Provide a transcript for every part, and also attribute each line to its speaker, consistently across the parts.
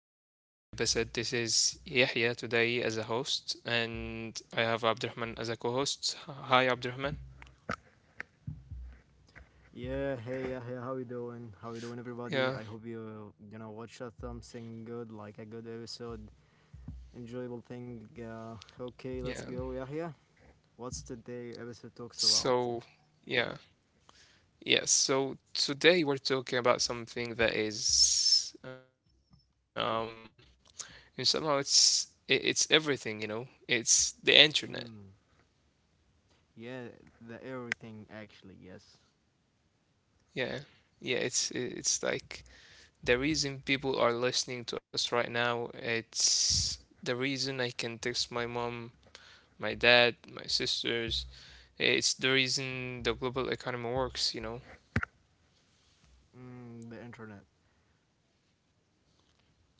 Speaker 1: back to another episode. This is Yahya today as a host, and I have Abdurrahman as a co host. Hi Abdurrahman.
Speaker 2: Yeah, hey, yeah, yeah. How you doing? How you doing,
Speaker 1: Yeah,
Speaker 2: everybody? I hope you gonna watch us something good, like a good episode, enjoyable thing.
Speaker 1: yeah.
Speaker 2: Okay, let's go, Yahya. What's today episode talks
Speaker 1: So,
Speaker 2: about?
Speaker 1: yeah, yeah. So, today we're talking about something that is, and somehow it's everything, you know? It's the internet.
Speaker 2: Mm, yeah, the everything actually. Yes.
Speaker 1: Yeah, yeah. It's like the reason people are listening to us right now, it's the reason I can text my mom my dad, my sisters. It's the reason the global economy works, you know?
Speaker 2: Mm, the internet.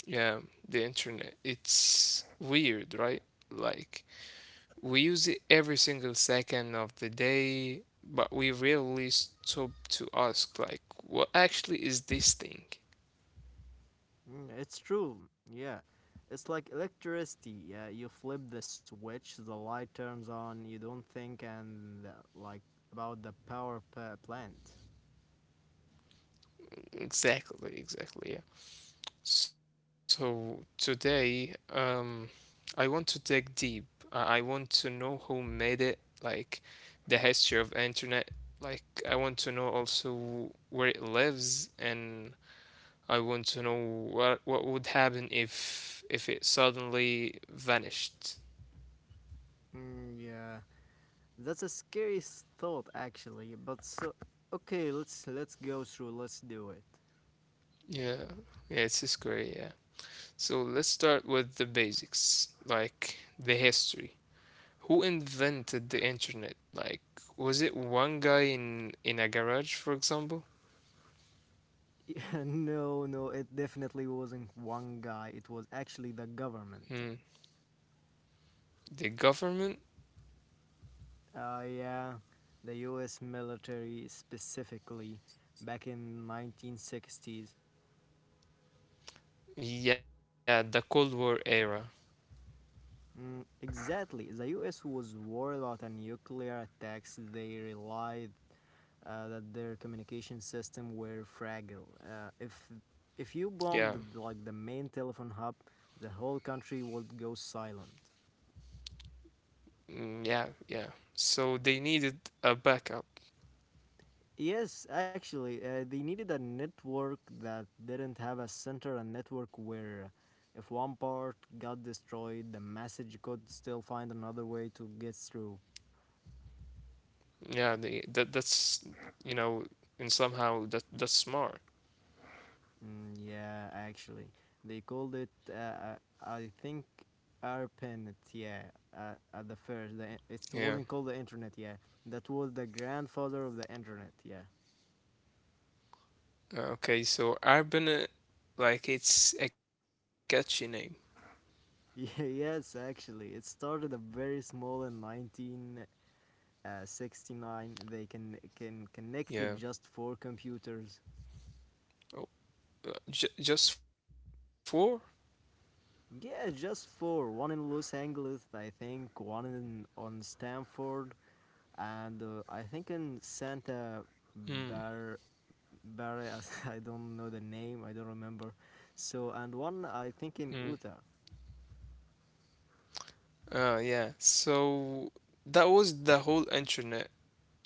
Speaker 1: Yeah, the internet. It's weird, right? Like, we use it every single second of the day, but we rarely stop to ask, like, what actually is this thing?
Speaker 2: Mm, it's true. Yeah. It's like electricity. Yeah, you flip the switch, the light turns on. You don't think and like about the plant.
Speaker 1: Exactly, exactly, yeah. So today, I want to dig deep. I want to know who made it, like the history of internet. Like I want to know also where it lives, and I want to know what would happen if it suddenly vanished.
Speaker 2: Mm, yeah. That's a scary thought, actually. But so, okay, let's go through. Let's do it.
Speaker 1: Yeah, yeah, it's scary. Yeah. So let's start with the basics, like the history. Who invented the internet? Like, was it one guy in a garage, for example?
Speaker 2: Yeah, no, it definitely wasn't one guy. It was actually the government.
Speaker 1: Hmm. The government?
Speaker 2: Yeah, the U.S. military specifically, back in 1960s.
Speaker 1: Yeah, the Cold War era.
Speaker 2: Mm, exactly. The U.S. was worried about a nuclear attacks. They relied that their communication system were fragile. If you bombed the,
Speaker 1: Yeah.
Speaker 2: like the main telephone hub, the whole country would go silent.
Speaker 1: Mm, yeah, yeah. So they needed a backup.
Speaker 2: Yes, actually, they needed a network that didn't have a center, a network where if one part got destroyed, the message could still find another way to get through.
Speaker 1: Yeah, they that that's you know, and somehow that's smart.
Speaker 2: Mm, yeah, actually, they called it. I think ARPANET. Yeah, at the first, the, it
Speaker 1: Yeah.
Speaker 2: wasn't called the internet. Yeah, that was the grandfather of the internet. Yeah.
Speaker 1: Okay, so Arbana, like it's a catchy name.
Speaker 2: Yeah, yes, actually, it started a very small in 1969. They can connect
Speaker 1: Yeah.
Speaker 2: it just four computers.
Speaker 1: Oh, j just four?
Speaker 2: Yeah, just four. One in Los Angeles, I think. One in on Stanford and I think in Santa
Speaker 1: Hmm.
Speaker 2: Bar Barre, I don't know the name, I don't remember. So and one I think in
Speaker 1: Hmm.
Speaker 2: Utah.
Speaker 1: Yeah. So that was the whole internet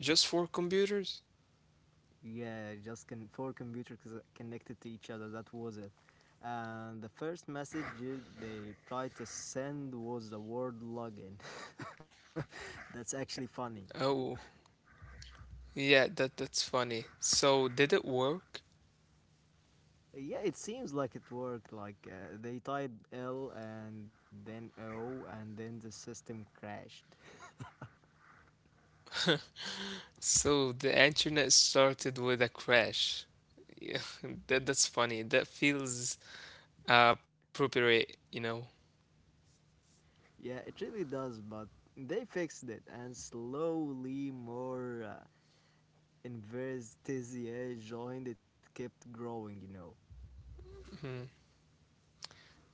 Speaker 1: just for computers?
Speaker 2: Yeah, just can four computers connected to each other. That was it. And the first message they tried to send was the word login. That's actually funny.
Speaker 1: Oh, yeah, that's funny. So did it work?
Speaker 2: Yeah, it seems like it worked. Like they typed L and then O, and then the system crashed.
Speaker 1: So the internet started with a crash. Yeah, that's funny. That feels appropriate.
Speaker 2: Yeah, it really does, but they fixed it, and slowly more Investizier joined. It kept growing, you know.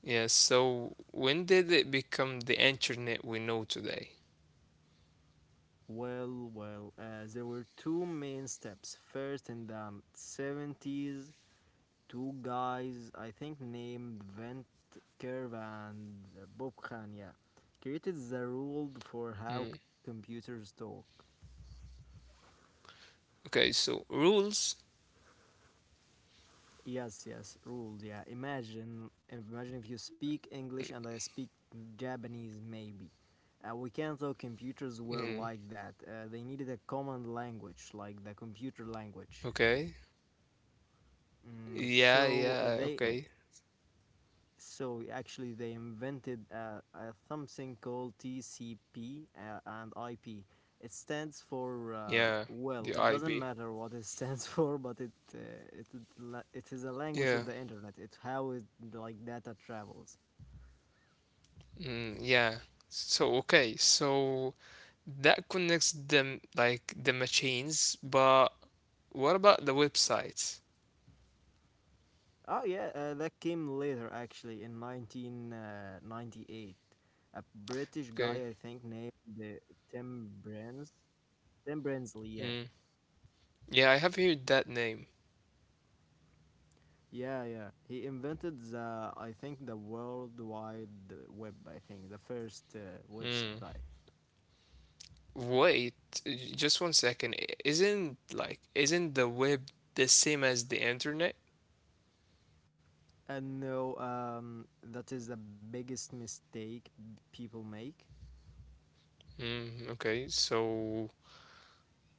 Speaker 1: Yeah, so when did it become the internet we know today?
Speaker 2: Well, there were two main steps. First, in the 70s, two guys, I think named Vent Curve and Bob Khan, yeah, created the rule for how
Speaker 1: Mm.
Speaker 2: computers talk.
Speaker 1: Okay, so rules.
Speaker 2: Yes, yes, rules. Yeah, imagine if you speak English and I speak Japanese, maybe. We can't though. Computers were
Speaker 1: Mm.
Speaker 2: like that. They needed a common language, like the computer language.
Speaker 1: Okay.
Speaker 2: Mm,
Speaker 1: Yeah,
Speaker 2: so
Speaker 1: yeah,
Speaker 2: they
Speaker 1: okay.
Speaker 2: so actually, they invented a something called TCP and IP. It stands for
Speaker 1: Yeah,
Speaker 2: well,
Speaker 1: the
Speaker 2: it doesn't
Speaker 1: IB.
Speaker 2: matter what it stands for, but it is a language of
Speaker 1: Yeah.
Speaker 2: the internet. It's how it, like, data travels.
Speaker 1: Mm, yeah. So, okay, so that connects them like the machines, but what about the websites?
Speaker 2: Oh yeah, that came later actually in 1998. A British guy I
Speaker 1: Okay.
Speaker 2: think named uh, Tim Brands, Tim Berners-Lee.
Speaker 1: Mm. Yeah, I have heard that name.
Speaker 2: Yeah, yeah. He invented the, I think, the World Wide Web, I think, the first
Speaker 1: Mm.
Speaker 2: website.
Speaker 1: Wait, just one second. Isn't the web the same as the internet?
Speaker 2: And no, that is the biggest mistake people make.
Speaker 1: Mm, okay, so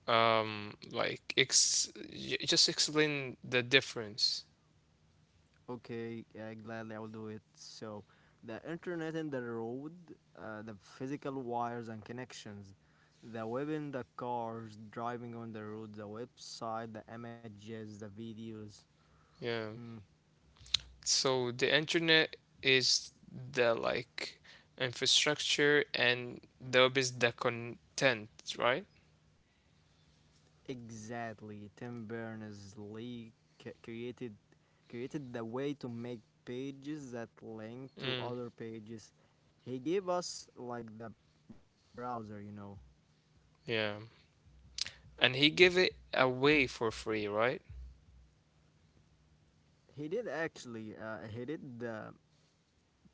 Speaker 1: like just explain the difference.
Speaker 2: Okay, yeah, gladly I will do it. So, the internet and the road, the physical wires and connections, the web in the cars, driving on the road, the website, the images, the videos.
Speaker 1: Yeah.
Speaker 2: Mm,
Speaker 1: So the internet is the, like, infrastructure and the web is the content, right?
Speaker 2: exactly. Tim Berners Lee c- created created the way to make pages that link
Speaker 1: Mm,
Speaker 2: to other pages. He gave us like the browser, you know.
Speaker 1: yeah. And he gave it away for free, right?
Speaker 2: He did actually. He did the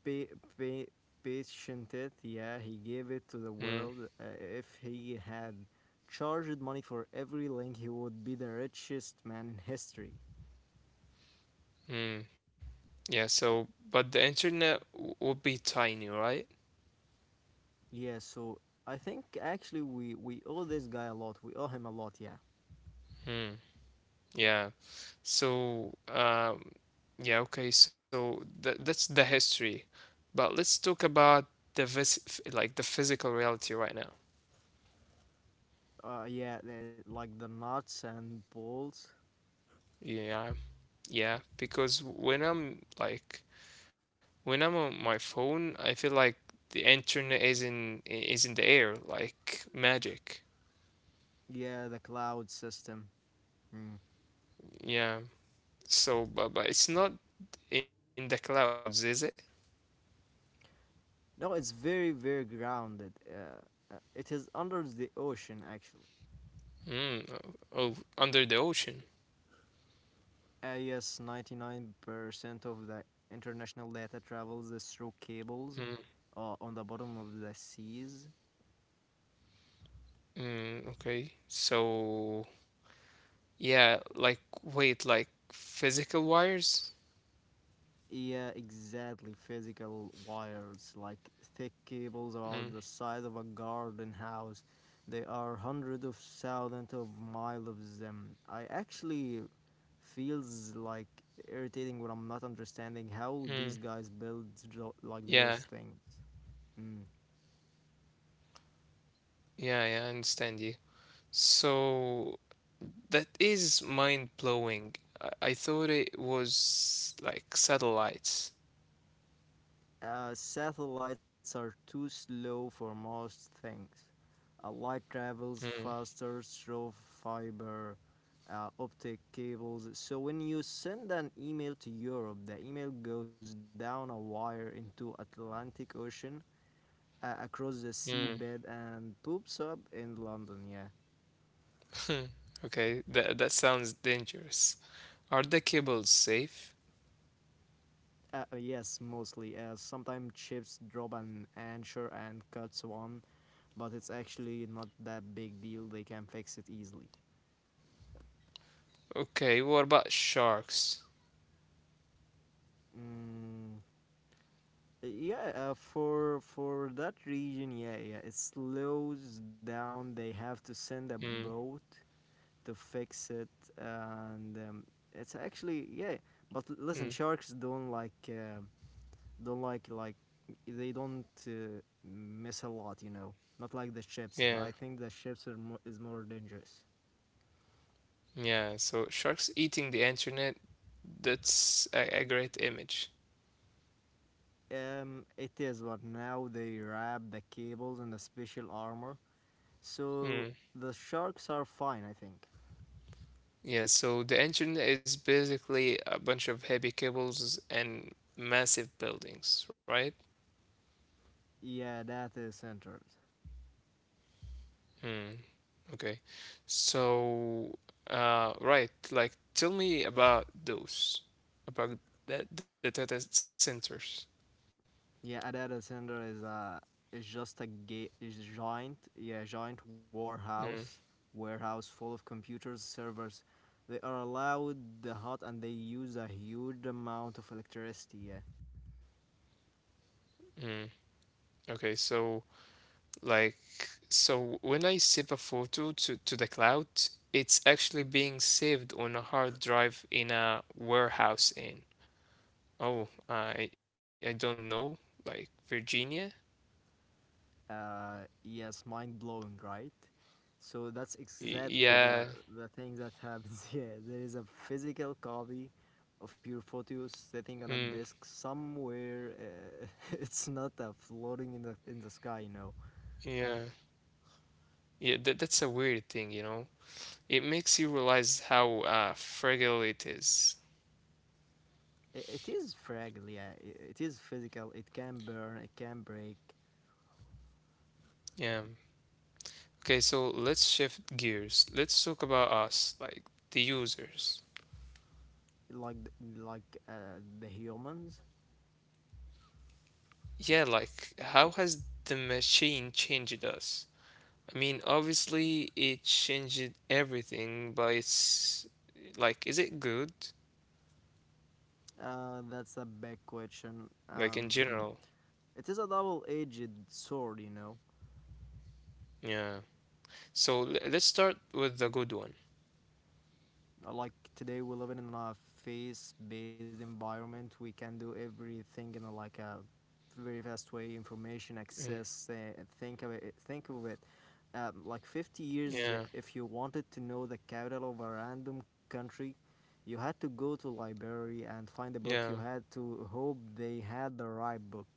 Speaker 2: pa- pa- patient it. Yeah, he gave it to the
Speaker 1: Mm,
Speaker 2: world. If he had charged money for every link, he would be the richest man in history.
Speaker 1: mm, yeah, so but the internet would be tiny, right?
Speaker 2: Yeah, so I think actually we owe this guy a lot. We owe him a lot. Yeah.
Speaker 1: Mm, yeah. So yeah, okay, so that's the history. But let's talk about the like the physical reality right now.
Speaker 2: Yeah, the like the nuts and bolts.
Speaker 1: Yeah, yeah, because when I'm on my phone, I feel like the internet is in the air like magic.
Speaker 2: Yeah, the cloud system. Mm.
Speaker 1: Yeah. So, but it's not in the clouds, is it?
Speaker 2: No, it's very, very grounded. It is under the ocean, actually.
Speaker 1: Mm, oh, under the ocean.
Speaker 2: Yes, 99% of the international data travels through
Speaker 1: Mm,
Speaker 2: cables on the bottom of the seas.
Speaker 1: mm, okay. So, yeah, like wait, like physical wires?
Speaker 2: Yeah, exactly. Physical wires, like thick cables
Speaker 1: Mm,
Speaker 2: about the size of a garden house. There are hundreds of thousands of miles of them. I actually feels like irritating when I'm not understanding how
Speaker 1: mm,
Speaker 2: these guys like
Speaker 1: yeah,
Speaker 2: those things. Mm.
Speaker 1: yeah, yeah, I understand you. So, that is mind blowing. I thought it was like satellites.
Speaker 2: Satellites are too slow for most things. Light travels
Speaker 1: Hmm.
Speaker 2: faster through fiber optic cables. So when you send an email to Europe, the email goes down a wire into Atlantic Ocean, across the
Speaker 1: Hmm.
Speaker 2: seabed, and poops up in London. Yeah.
Speaker 1: Okay, that sounds dangerous. Are the cables safe?
Speaker 2: Yes, mostly. Sometimes chips drop an anchor and cuts one, but it's actually not that big deal. They can fix it easily.
Speaker 1: Okay, what about sharks?
Speaker 2: Mm, yeah, for that region, yeah, yeah, it slows down. They have to send a
Speaker 1: Hmm.
Speaker 2: boat to fix it, and it's actually yeah. But
Speaker 1: Hmm.
Speaker 2: listen, sharks don't like they don't miss a lot, you know, not like the ships.
Speaker 1: Yeah.
Speaker 2: I think the ships are mo- is more dangerous.
Speaker 1: Yeah. So sharks eating the internet, that's a great image.
Speaker 2: Um, it is, but now they wrap the cables in the special armor, so
Speaker 1: Hmm.
Speaker 2: the sharks are fine, I think.
Speaker 1: Yeah, so the internet is basically a bunch of heavy cables and massive buildings, right?
Speaker 2: Yeah, that is centered.
Speaker 1: Mm, okay. So, right, like tell me about those, about the data centers.
Speaker 2: Yeah, a data center is a is just a ga- is giant, yeah, giant
Speaker 1: Mm,
Speaker 2: warehouse full of computers servers. They are allowed the hot and they use a huge amount of electricity. Yeah.
Speaker 1: mm. Okay, so like when I save a photo to the cloud, it's actually being saved on a hard drive in a warehouse in, oh, I don't know, like Virginia.
Speaker 2: Yes, mind blowing, right? So that's exactly
Speaker 1: Yeah.
Speaker 2: the thing that happens. Yeah, there is a physical copy of your photos sitting on a
Speaker 1: Mm,
Speaker 2: disk somewhere. It's not floating in the sky, you know.
Speaker 1: yeah. Yeah, that's a weird thing. It makes you realize how fragile it is.
Speaker 2: It is fragile, yeah. It is physical. It can burn. It can break,
Speaker 1: Yeah. Okay, so let's shift gears. Let's talk about us, like the users.
Speaker 2: like the humans.
Speaker 1: Yeah, like how has the machine changed us? I mean, obviously it changed everything, but it's like, is it good?
Speaker 2: That's a big question.
Speaker 1: Like in general.
Speaker 2: It is a double-edged sword, you know.
Speaker 1: Yeah. So let's start with the good one.
Speaker 2: Like today, we live in a face-based environment. We can do everything in like a very fast way information
Speaker 1: Mm,
Speaker 2: access. Think of it, like 50 years,
Speaker 1: yeah.
Speaker 2: if you wanted to know the capital of a random country, you had to go to library and find a book. You
Speaker 1: Yeah.
Speaker 2: had to hope they had the right book.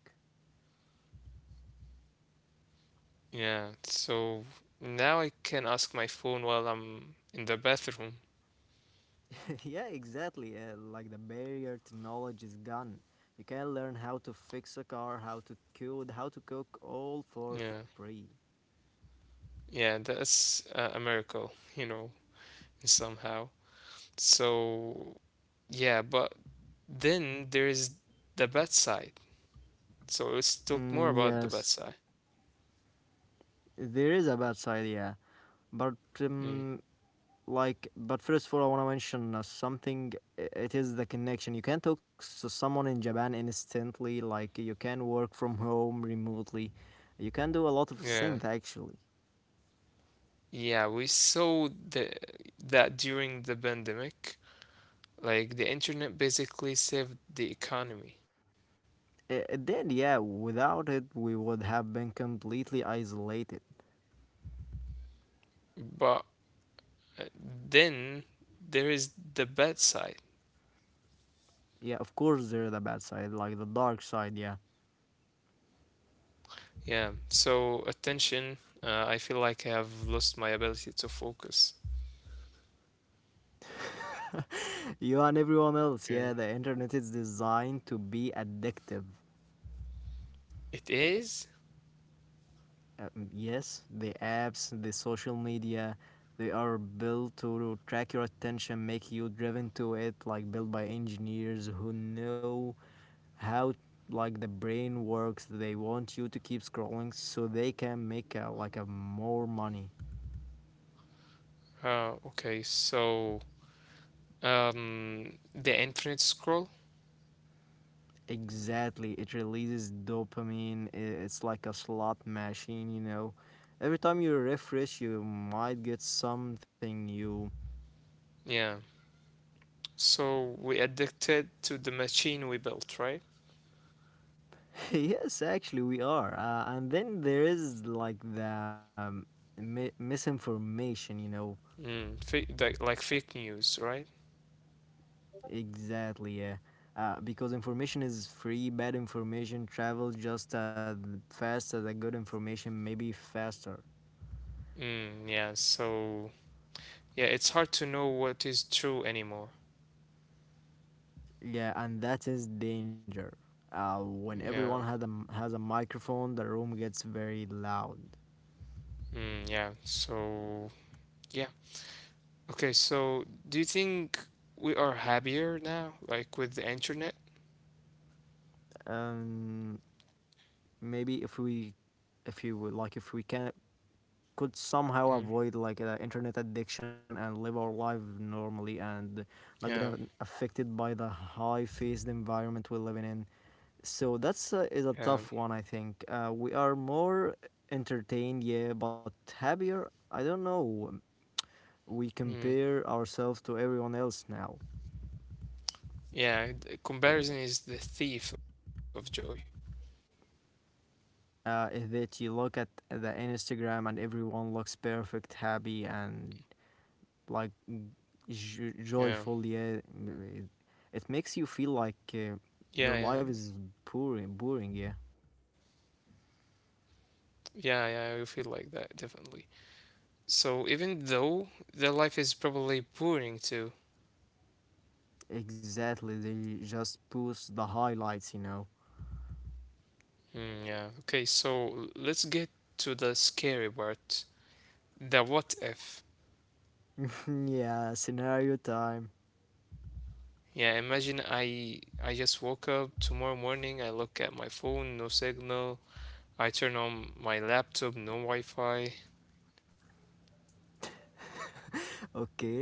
Speaker 1: Yeah, so now I can ask my phone while I'm in the bathroom.
Speaker 2: Yeah, exactly. Like the barrier to knowledge is gone. You can learn how to fix a car, how to code, how to cook, all for
Speaker 1: Yeah,
Speaker 2: free.
Speaker 1: yeah, that's a miracle, you know, somehow. So, yeah, but then there is the bedside. So let's talk more
Speaker 2: Mm,
Speaker 1: about the
Speaker 2: yes,
Speaker 1: bedside.
Speaker 2: there is a bad side, yeah. But
Speaker 1: Mm,
Speaker 2: um, like, but first of all I want to mention something. It is the connection. You can talk to someone in Japan instantly. Like, you can work from home remotely. You can do a lot of
Speaker 1: yeah,
Speaker 2: things actually.
Speaker 1: yeah, we saw the that during the pandemic, like the internet basically saved the economy.
Speaker 2: It did, yeah. Without it we would have been completely isolated.
Speaker 1: But then there is the bedside.
Speaker 2: Yeah, of course there are the bad side, like the dark side, yeah.
Speaker 1: Yeah, so attention, I feel like I have lost my ability to focus.
Speaker 2: You and everyone else, yeah.
Speaker 1: Okay.
Speaker 2: The internet is designed to be addictive.
Speaker 1: It is?
Speaker 2: Yes, the apps, the social media, they are built to track your attention, make you driven to it, like built by engineers who know how like the brain works. They want you to keep scrolling so they can make like a more money.
Speaker 1: Okay, so the infinite scroll?
Speaker 2: Exactly, it releases dopamine. It's like a slot machine, you know. Every time you refresh, you might get something new.
Speaker 1: Yeah. So we addicted to the machine we built, right?
Speaker 2: Yes, actually, we are. And then there is like the mi- misinformation, you know.
Speaker 1: Mm, like fake news, right?
Speaker 2: Exactly. Yeah. Because information is free, bad information travels just as fast as a good information, maybe faster.
Speaker 1: Mm, yeah, so yeah, it's hard to know what is true anymore.
Speaker 2: Yeah, and that is danger. When everyone
Speaker 1: Yeah.
Speaker 2: has a microphone, the room gets very loud.
Speaker 1: Mm, yeah, so yeah. Okay, so do you think we are happier now, like with the internet?
Speaker 2: Um, maybe if we, if you would like, if we can could somehow
Speaker 1: Mm,
Speaker 2: avoid like the internet addiction and live our life normally and not get
Speaker 1: yeah,
Speaker 2: affected by the high faced environment we're living in. So that's is
Speaker 1: yeah,
Speaker 2: a tough one, I think. We are more entertained, yeah, but happier, I don't know. We
Speaker 1: mm,
Speaker 2: compare ourselves to everyone else now.
Speaker 1: yeah. The comparison is the thief of joy.
Speaker 2: Is that you look at the Instagram and everyone looks perfect, happy, and like
Speaker 1: Yeah,
Speaker 2: j- joyful, yeah. It makes you feel like
Speaker 1: yeah, yeah,
Speaker 2: your life is boring, yeah.
Speaker 1: yeah, yeah. You feel like that definitely. So even though their life is probably boring too.
Speaker 2: Exactly, they just post the highlights, you know.
Speaker 1: Mm, yeah. Okay, so let's get to the scary part. The what if?
Speaker 2: Yeah, scenario time.
Speaker 1: Yeah, imagine I just woke up tomorrow morning, I look at my phone, no signal, I turn on my laptop, no Wi-Fi.
Speaker 2: Okay.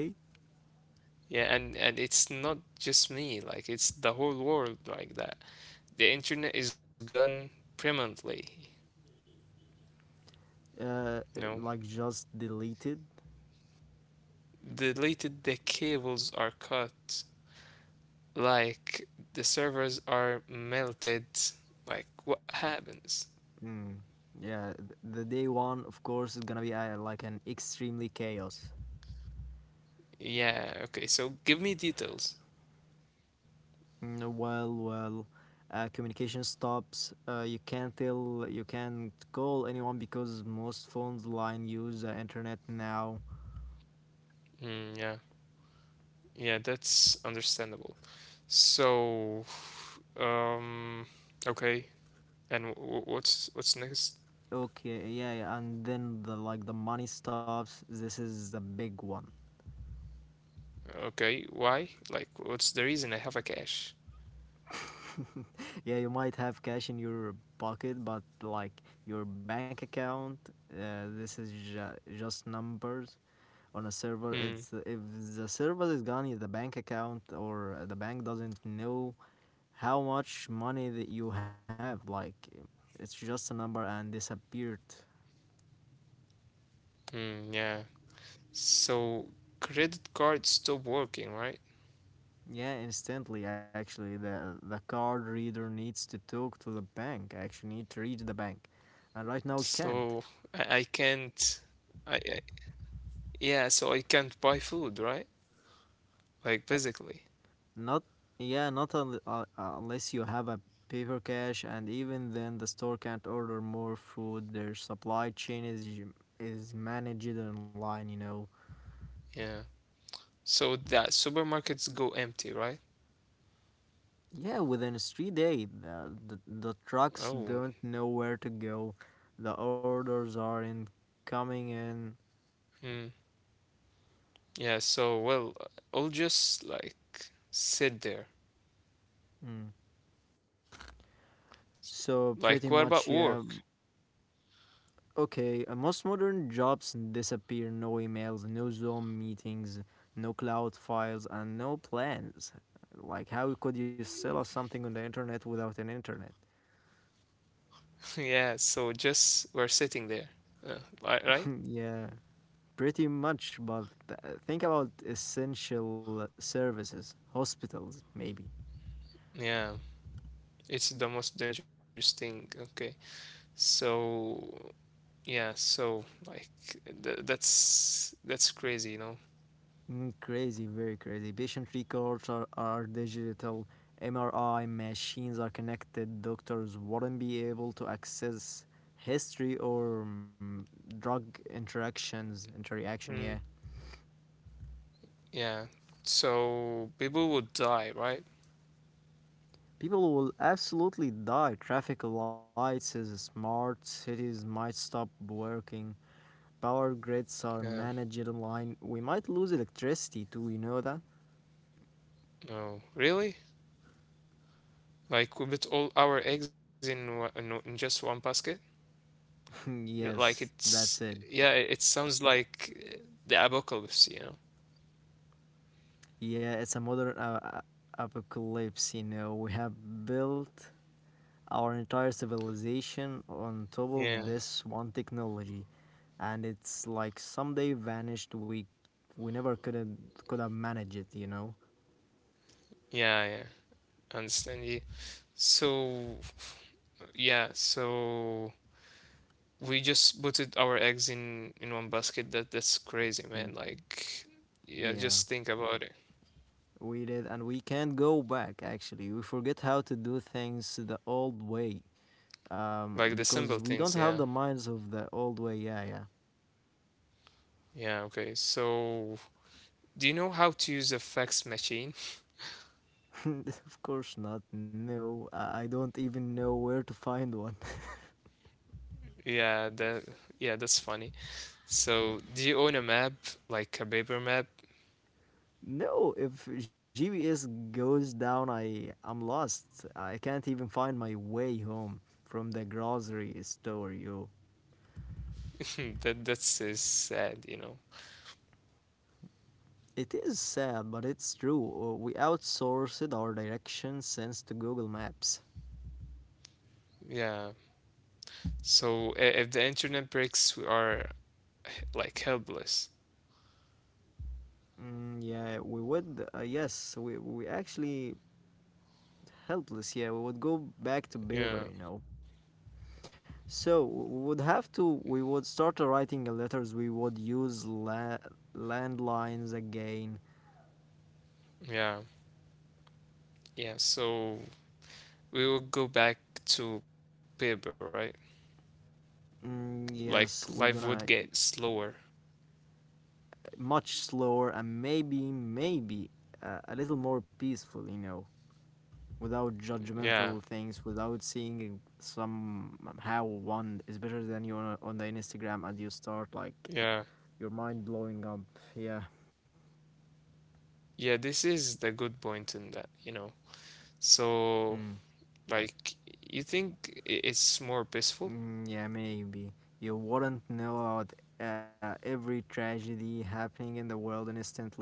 Speaker 1: Yeah, and it's not just me, like it's the whole world like that. The internet is gone permanently, you know.
Speaker 2: Like just deleted.
Speaker 1: Deleted the cables are cut, like the servers are melted. Like what happens?
Speaker 2: Mm. Yeah, the day one of course is gonna be like an extremely chaos.
Speaker 1: Yeah, okay, so give me details.
Speaker 2: Mm. Well, communication stops. Uh, you can't call anyone because most phones line use the internet now.
Speaker 1: Mm, yeah. Yeah, that's understandable. So, um, okay. And what's next?
Speaker 2: Okay, yeah, yeah, and then the, like, the money stops. This is the big one.
Speaker 1: Okay, why? Like, what's the reason I have a cash?
Speaker 2: Yeah, you might have cash in your pocket, but like your bank account, this is just numbers on a server. It's
Speaker 1: Hmm,
Speaker 2: if the server is gone, the bank account or the bank doesn't know how much money that you have. Like, it's just a number and disappeared.
Speaker 1: hmm, yeah. So, credit card stopped working, right?
Speaker 2: Yeah, instantly actually. The card reader needs to talk to the bank, actually need to reach the bank. And right now it
Speaker 1: So,
Speaker 2: can't.
Speaker 1: I can't, I, I, yeah, so I can't buy food, right? Like, basically,
Speaker 2: Not yeah, not unless you have a paper cash, and even then the store can't order more food. Their supply chain is managed online, you know.
Speaker 1: yeah. So that supermarkets go empty, right?
Speaker 2: Yeah, within a street day, the trucks
Speaker 1: Oh,
Speaker 2: don't know where to go. The orders aren't coming in.
Speaker 1: hmm, yeah, so, well, I'll just, like, sit there.
Speaker 2: Mm. So pretty
Speaker 1: Like, what
Speaker 2: much,
Speaker 1: about
Speaker 2: yeah.
Speaker 1: work?
Speaker 2: Okay, most modern jobs disappear. No emails, no Zoom meetings, no cloud files, and no plans. Like, how could you sell us something on the internet without an internet?
Speaker 1: Yeah, so just we're sitting there, uh, right?
Speaker 2: Yeah, pretty much. But think about essential services, hospitals, maybe.
Speaker 1: Yeah, it's the most dangerous thing. Okay. So yeah, so like that's crazy.
Speaker 2: Mm, crazy, very crazy. Patient records are digital. MRI machines are connected. Doctors wouldn't be able to access history or drug interactions. Interaction, yeah.
Speaker 1: Mm, yeah. So people would die, right?
Speaker 2: People will absolutely die. Traffic lights is smart. Cities might stop working. Power grids are
Speaker 1: Yeah.
Speaker 2: managed online. We might lose electricity too. You know that?
Speaker 1: No. Really? Like we put all our eggs in wa- in, o- in just one basket? Yeah, like
Speaker 2: Yes,
Speaker 1: it's
Speaker 2: that's it.
Speaker 1: yeah, it sounds like the apocalypse.
Speaker 2: Yeah, it's a modern apocalypse. You know, we have built our entire civilization on top
Speaker 1: Yeah.
Speaker 2: of this one technology, and it's like someday vanished. We never could have managed it. You know.
Speaker 1: Yeah, yeah. Understand you. So yeah, so we just putted our eggs in one basket. That's crazy, man. Like, yeah,
Speaker 2: Yeah,
Speaker 1: just think about it.
Speaker 2: we did, and we can't go back. Actually, we forget how to do things the old way.
Speaker 1: Like the simple
Speaker 2: Because
Speaker 1: things,
Speaker 2: we
Speaker 1: yeah.
Speaker 2: don't have the minds of the old way. Yeah, yeah.
Speaker 1: Yeah, okay. So, do you know how to use a fax machine?
Speaker 2: Of course not. No, I don't even know where to find one.
Speaker 1: Yeah, that yeah, that's funny. So, do you own a map, like a paper map?
Speaker 2: No, if GPS goes down, I am lost. I can't even find my way home from the grocery store, yo.
Speaker 1: That's is sad.
Speaker 2: It is sad, but it's true. We outsourced our direction sense to Google Maps.
Speaker 1: Yeah. So, if the internet breaks, we are like helpless.
Speaker 2: Mm, yeah, we would. Yes, we actually helpless. Yeah, we would go back to
Speaker 1: Yeah.
Speaker 2: paper, you know. So we would have to. We would start writing letters. We would use landlines again.
Speaker 1: Yeah. Yeah. So, we will go back to paper, right?
Speaker 2: Mm,
Speaker 1: Like life would
Speaker 2: yes, we're
Speaker 1: get
Speaker 2: gonna
Speaker 1: slower.
Speaker 2: much slower, and maybe, maybe a little more peaceful, you know, without
Speaker 1: Yeah,
Speaker 2: judgmental things, without seeing somehow one is better than you on the Instagram, and you start like
Speaker 1: yeah,
Speaker 2: your mind blowing up. Yeah.
Speaker 1: yeah. This is the good point in that. So,
Speaker 2: Mm,
Speaker 1: like, you think it's more peaceful?
Speaker 2: mm, yeah, maybe. You wouldn't know about every tragedy happening in the world instantly.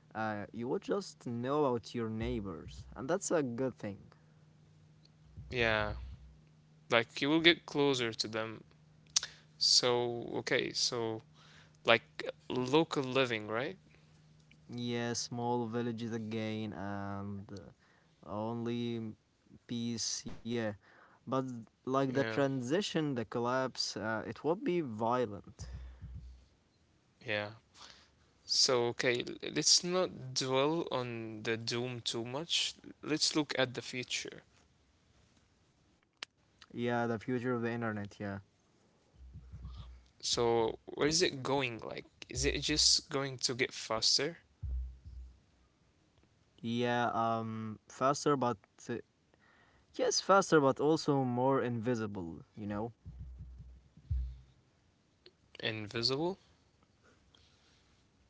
Speaker 2: You would just know about your neighbors, and that's a good thing.
Speaker 1: Yeah, like you will get closer to them. So, okay, so like local living, right?
Speaker 2: Yeah, small villages again, and only peace, yeah. But like the
Speaker 1: Yeah,
Speaker 2: transition, the collapse, it will be violent.
Speaker 1: yeah. So, okay, let's not dwell on the doom too much. Let's look at the future.
Speaker 2: Yeah, the future of the internet, yeah.
Speaker 1: So, where is it going? Like, is it just going to get faster?
Speaker 2: Yeah, faster, but uh, yes, faster but also more invisible, you know.
Speaker 1: Invisible?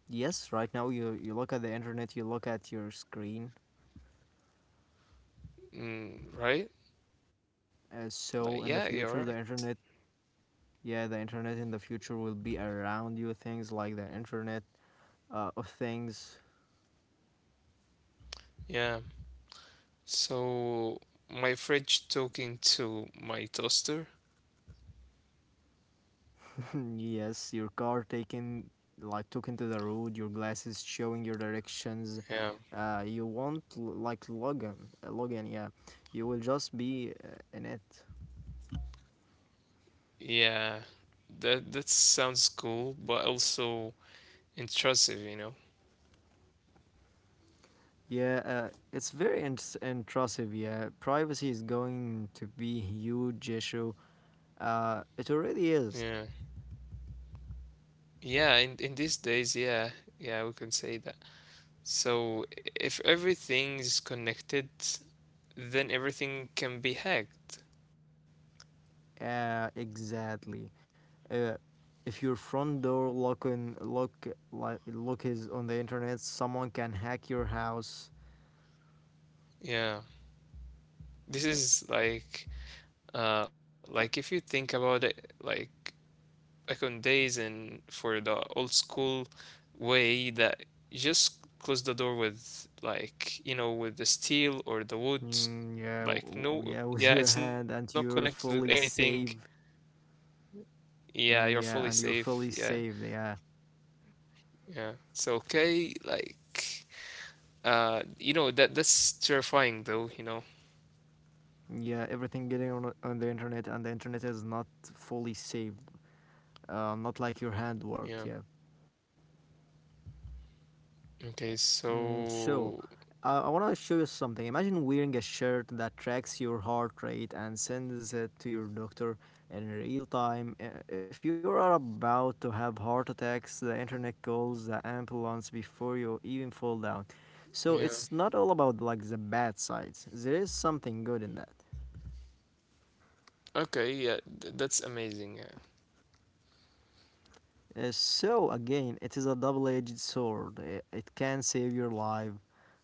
Speaker 2: Yes, right now you look at the internet, you look at your screen.
Speaker 1: Mm, right? Like,
Speaker 2: Uh,
Speaker 1: yeah, you're
Speaker 2: so in the
Speaker 1: right.
Speaker 2: future the internet yeah, the internet in the future will be around you. Things like the internet of things.
Speaker 1: Yeah. So, my fridge talking to my toaster?
Speaker 2: Yes, your car taking like took into the road, your glasses showing your directions. Uh,
Speaker 1: Yeah.
Speaker 2: you won't like Logan, Logan, yeah. You will just be in it.
Speaker 1: Yeah. That sounds cool, but also intrusive, you know?
Speaker 2: Yeah, it's very intrusive. Yeah, privacy is going to be huge issue. It already is.
Speaker 1: Yeah. Yeah, in these days, yeah. Yeah, we can say that. So, if everything is connected, then everything can be hacked.
Speaker 2: Exactly. Uh, if your front door lock in lock like lock is on the internet, someone can hack your house.
Speaker 1: Yeah. This is like if you think about it, like back on days and for the old school way that just close the door with, like, with the steel or the wood,
Speaker 2: Mm, yeah,
Speaker 1: like, no,
Speaker 2: yeah, with
Speaker 1: yeah,
Speaker 2: your
Speaker 1: it's not
Speaker 2: hand, and
Speaker 1: connected with
Speaker 2: you're
Speaker 1: anything,
Speaker 2: fully safe.
Speaker 1: yeah, you're fully
Speaker 2: Mm, yeah,
Speaker 1: safe,
Speaker 2: and you're
Speaker 1: yeah,
Speaker 2: fully safe. Yeah,
Speaker 1: yeah. So, okay, like, that's terrifying though.
Speaker 2: yeah, everything getting on the internet, and the internet is not fully saved. Not like your
Speaker 1: Yeah,
Speaker 2: handwork. Yeah.
Speaker 1: okay,
Speaker 2: Mm, so,
Speaker 1: so,
Speaker 2: uh, I want to show you something. Imagine wearing a shirt that tracks your heart rate and sends it to your doctor in real time. If you are about to have heart attacks, the internet calls the ambulance before you even fall down. So,
Speaker 1: yeah,
Speaker 2: it's not all about like the bad sides. There is something good in that.
Speaker 1: okay, yeah, that's amazing, yeah.
Speaker 2: So again, it is a double-edged sword. It can save your life,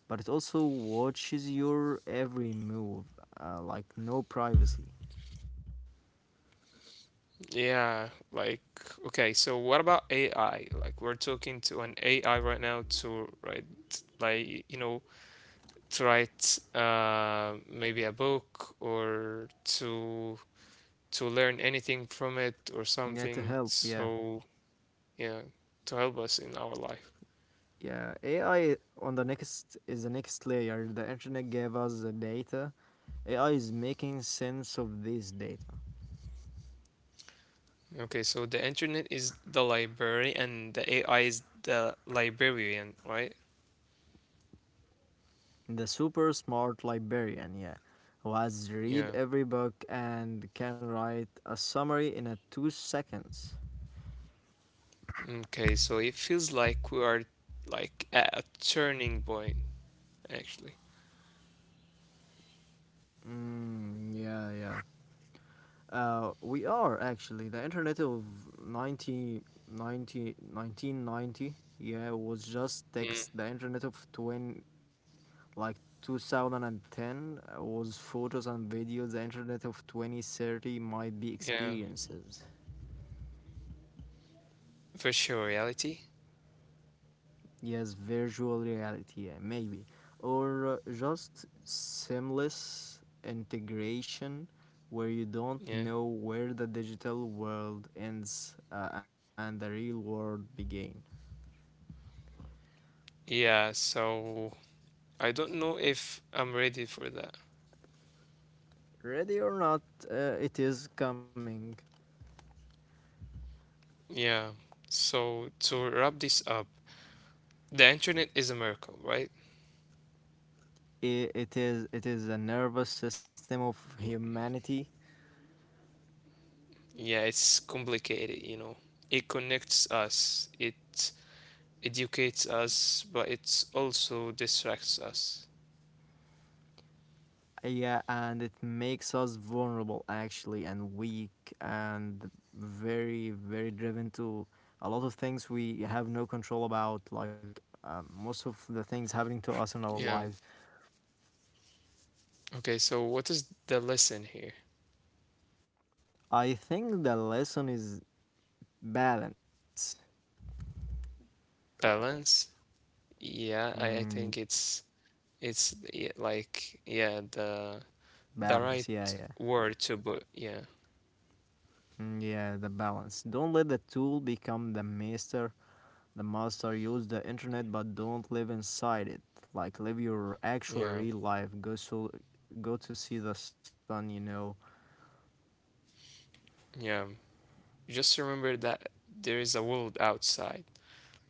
Speaker 2: but it also watches your every move, like no privacy.
Speaker 1: Yeah, like okay, so what about AI? Like we're talking to an AI right now to write like you know maybe a book or to learn anything from it or
Speaker 2: Yeah, to
Speaker 1: something.
Speaker 2: help. Yeah,
Speaker 1: So yeah, to help us in our life.
Speaker 2: yeah. AI on the next is the next layer. The internet gave us the data. AI is making sense of this data.
Speaker 1: Okay, so the internet is the library and the AI is the librarian, right?
Speaker 2: The super smart librarian, yeah, who has read
Speaker 1: Yeah.
Speaker 2: every book and can write a summary in a 2 seconds.
Speaker 1: Okay, so it feels like we are like at a turning point, actually.
Speaker 2: Mm, yeah, yeah. We are actually the internet of 90, ninety, 1990. Yeah, was just
Speaker 1: Mm,
Speaker 2: text, the internet of 20 like 2010 was photos and videos, the internet of 2030
Speaker 1: yeah,
Speaker 2: might be experiences.
Speaker 1: virtual reality.
Speaker 2: Yes, virtual reality, yeah, maybe, or just seamless integration where you don't
Speaker 1: Yeah.
Speaker 2: know where the digital world ends and the real world begins.
Speaker 1: Yeah, so I don't know if I'm ready for that.
Speaker 2: Ready or not, it is coming.
Speaker 1: Yeah. So to wrap this up, the internet is a miracle, right?
Speaker 2: It is a nervous system of humanity.
Speaker 1: Yeah, it's complicated. It connects us, it educates us, but it also distracts us.
Speaker 2: Yeah, and it makes us vulnerable actually, and weak, and very very driven to a lot of things we have no control about, like most of the things happening to us in our
Speaker 1: Yeah.
Speaker 2: lives.
Speaker 1: Okay, so what is the lesson here?
Speaker 2: I think the lesson is balance.
Speaker 1: Balance? Yeah, I think
Speaker 2: Mm,
Speaker 1: it's yeah, like yeah, the right
Speaker 2: balance. Yeah, yeah.
Speaker 1: word to put. Yeah,
Speaker 2: Mm, yeah, the balance. Don't let the tool become the master. The master use the internet but don't live inside it. Like live your actual
Speaker 1: yeah,
Speaker 2: real life. Go to see the sun, you know.
Speaker 1: yeah. Just remember that there is a world outside,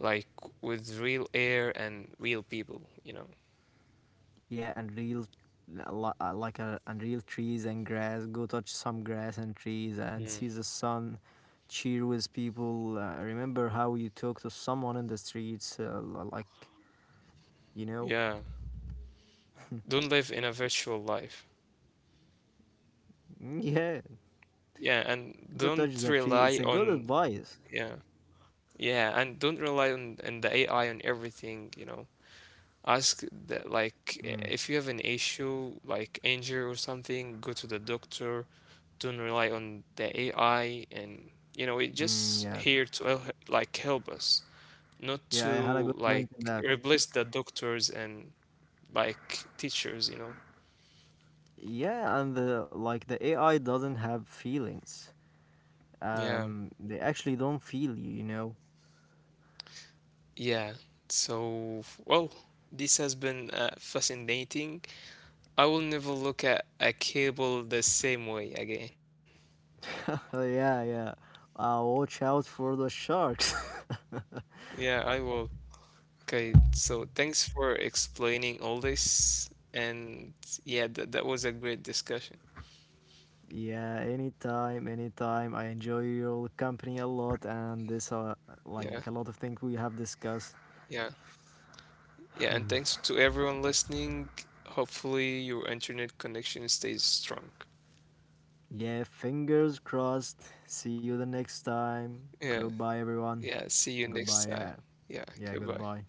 Speaker 1: like with real air and real people.
Speaker 2: Yeah, and real li- like a and real trees and grass. Go touch some grass and trees
Speaker 1: Mm.
Speaker 2: and see the sun. Cheer with people. Remember how you talk to someone in the streets. Like you know.
Speaker 1: Yeah. Don't live in a virtual life.
Speaker 2: Mm, yeah,
Speaker 1: Yeah, and
Speaker 2: go touch
Speaker 1: don't
Speaker 2: the tree. It's
Speaker 1: rely
Speaker 2: a good
Speaker 1: on,
Speaker 2: advice.
Speaker 1: yeah. Yeah, and don't rely on, the AI on everything. Ask that, like,
Speaker 2: Mm,
Speaker 1: if you have an issue, like injury or something, go to the doctor. Don't rely on the AI, and it
Speaker 2: mm,
Speaker 1: just
Speaker 2: yeah,
Speaker 1: here to like help us, not
Speaker 2: yeah. I had a
Speaker 1: to
Speaker 2: good
Speaker 1: like
Speaker 2: point in that.
Speaker 1: replace the doctors and like teachers.
Speaker 2: Yeah, and the like the AI doesn't have feelings.
Speaker 1: Yeah,
Speaker 2: They actually don't feel you, you know.
Speaker 1: yeah. So, well, this has been fascinating. I will never look at a cable the same way again.
Speaker 2: Yeah, yeah. Watch out for the sharks.
Speaker 1: Yeah, I will. Okay, so thanks for explaining all this. And yeah, that was a great discussion.
Speaker 2: Yeah, anytime, anytime. I enjoy your company a lot, and this
Speaker 1: Yeah,
Speaker 2: like a lot of things we have discussed.
Speaker 1: yeah, yeah. And thanks to everyone listening. Hopefully, your internet connection stays strong.
Speaker 2: Yeah, fingers crossed. See you the next time.
Speaker 1: Yeah,
Speaker 2: Goodbye, everyone.
Speaker 1: yeah. See you next
Speaker 2: Goodbye.
Speaker 1: time.
Speaker 2: Yeah,
Speaker 1: Yeah,
Speaker 2: yeah.
Speaker 1: goodbye.
Speaker 2: Goodbye.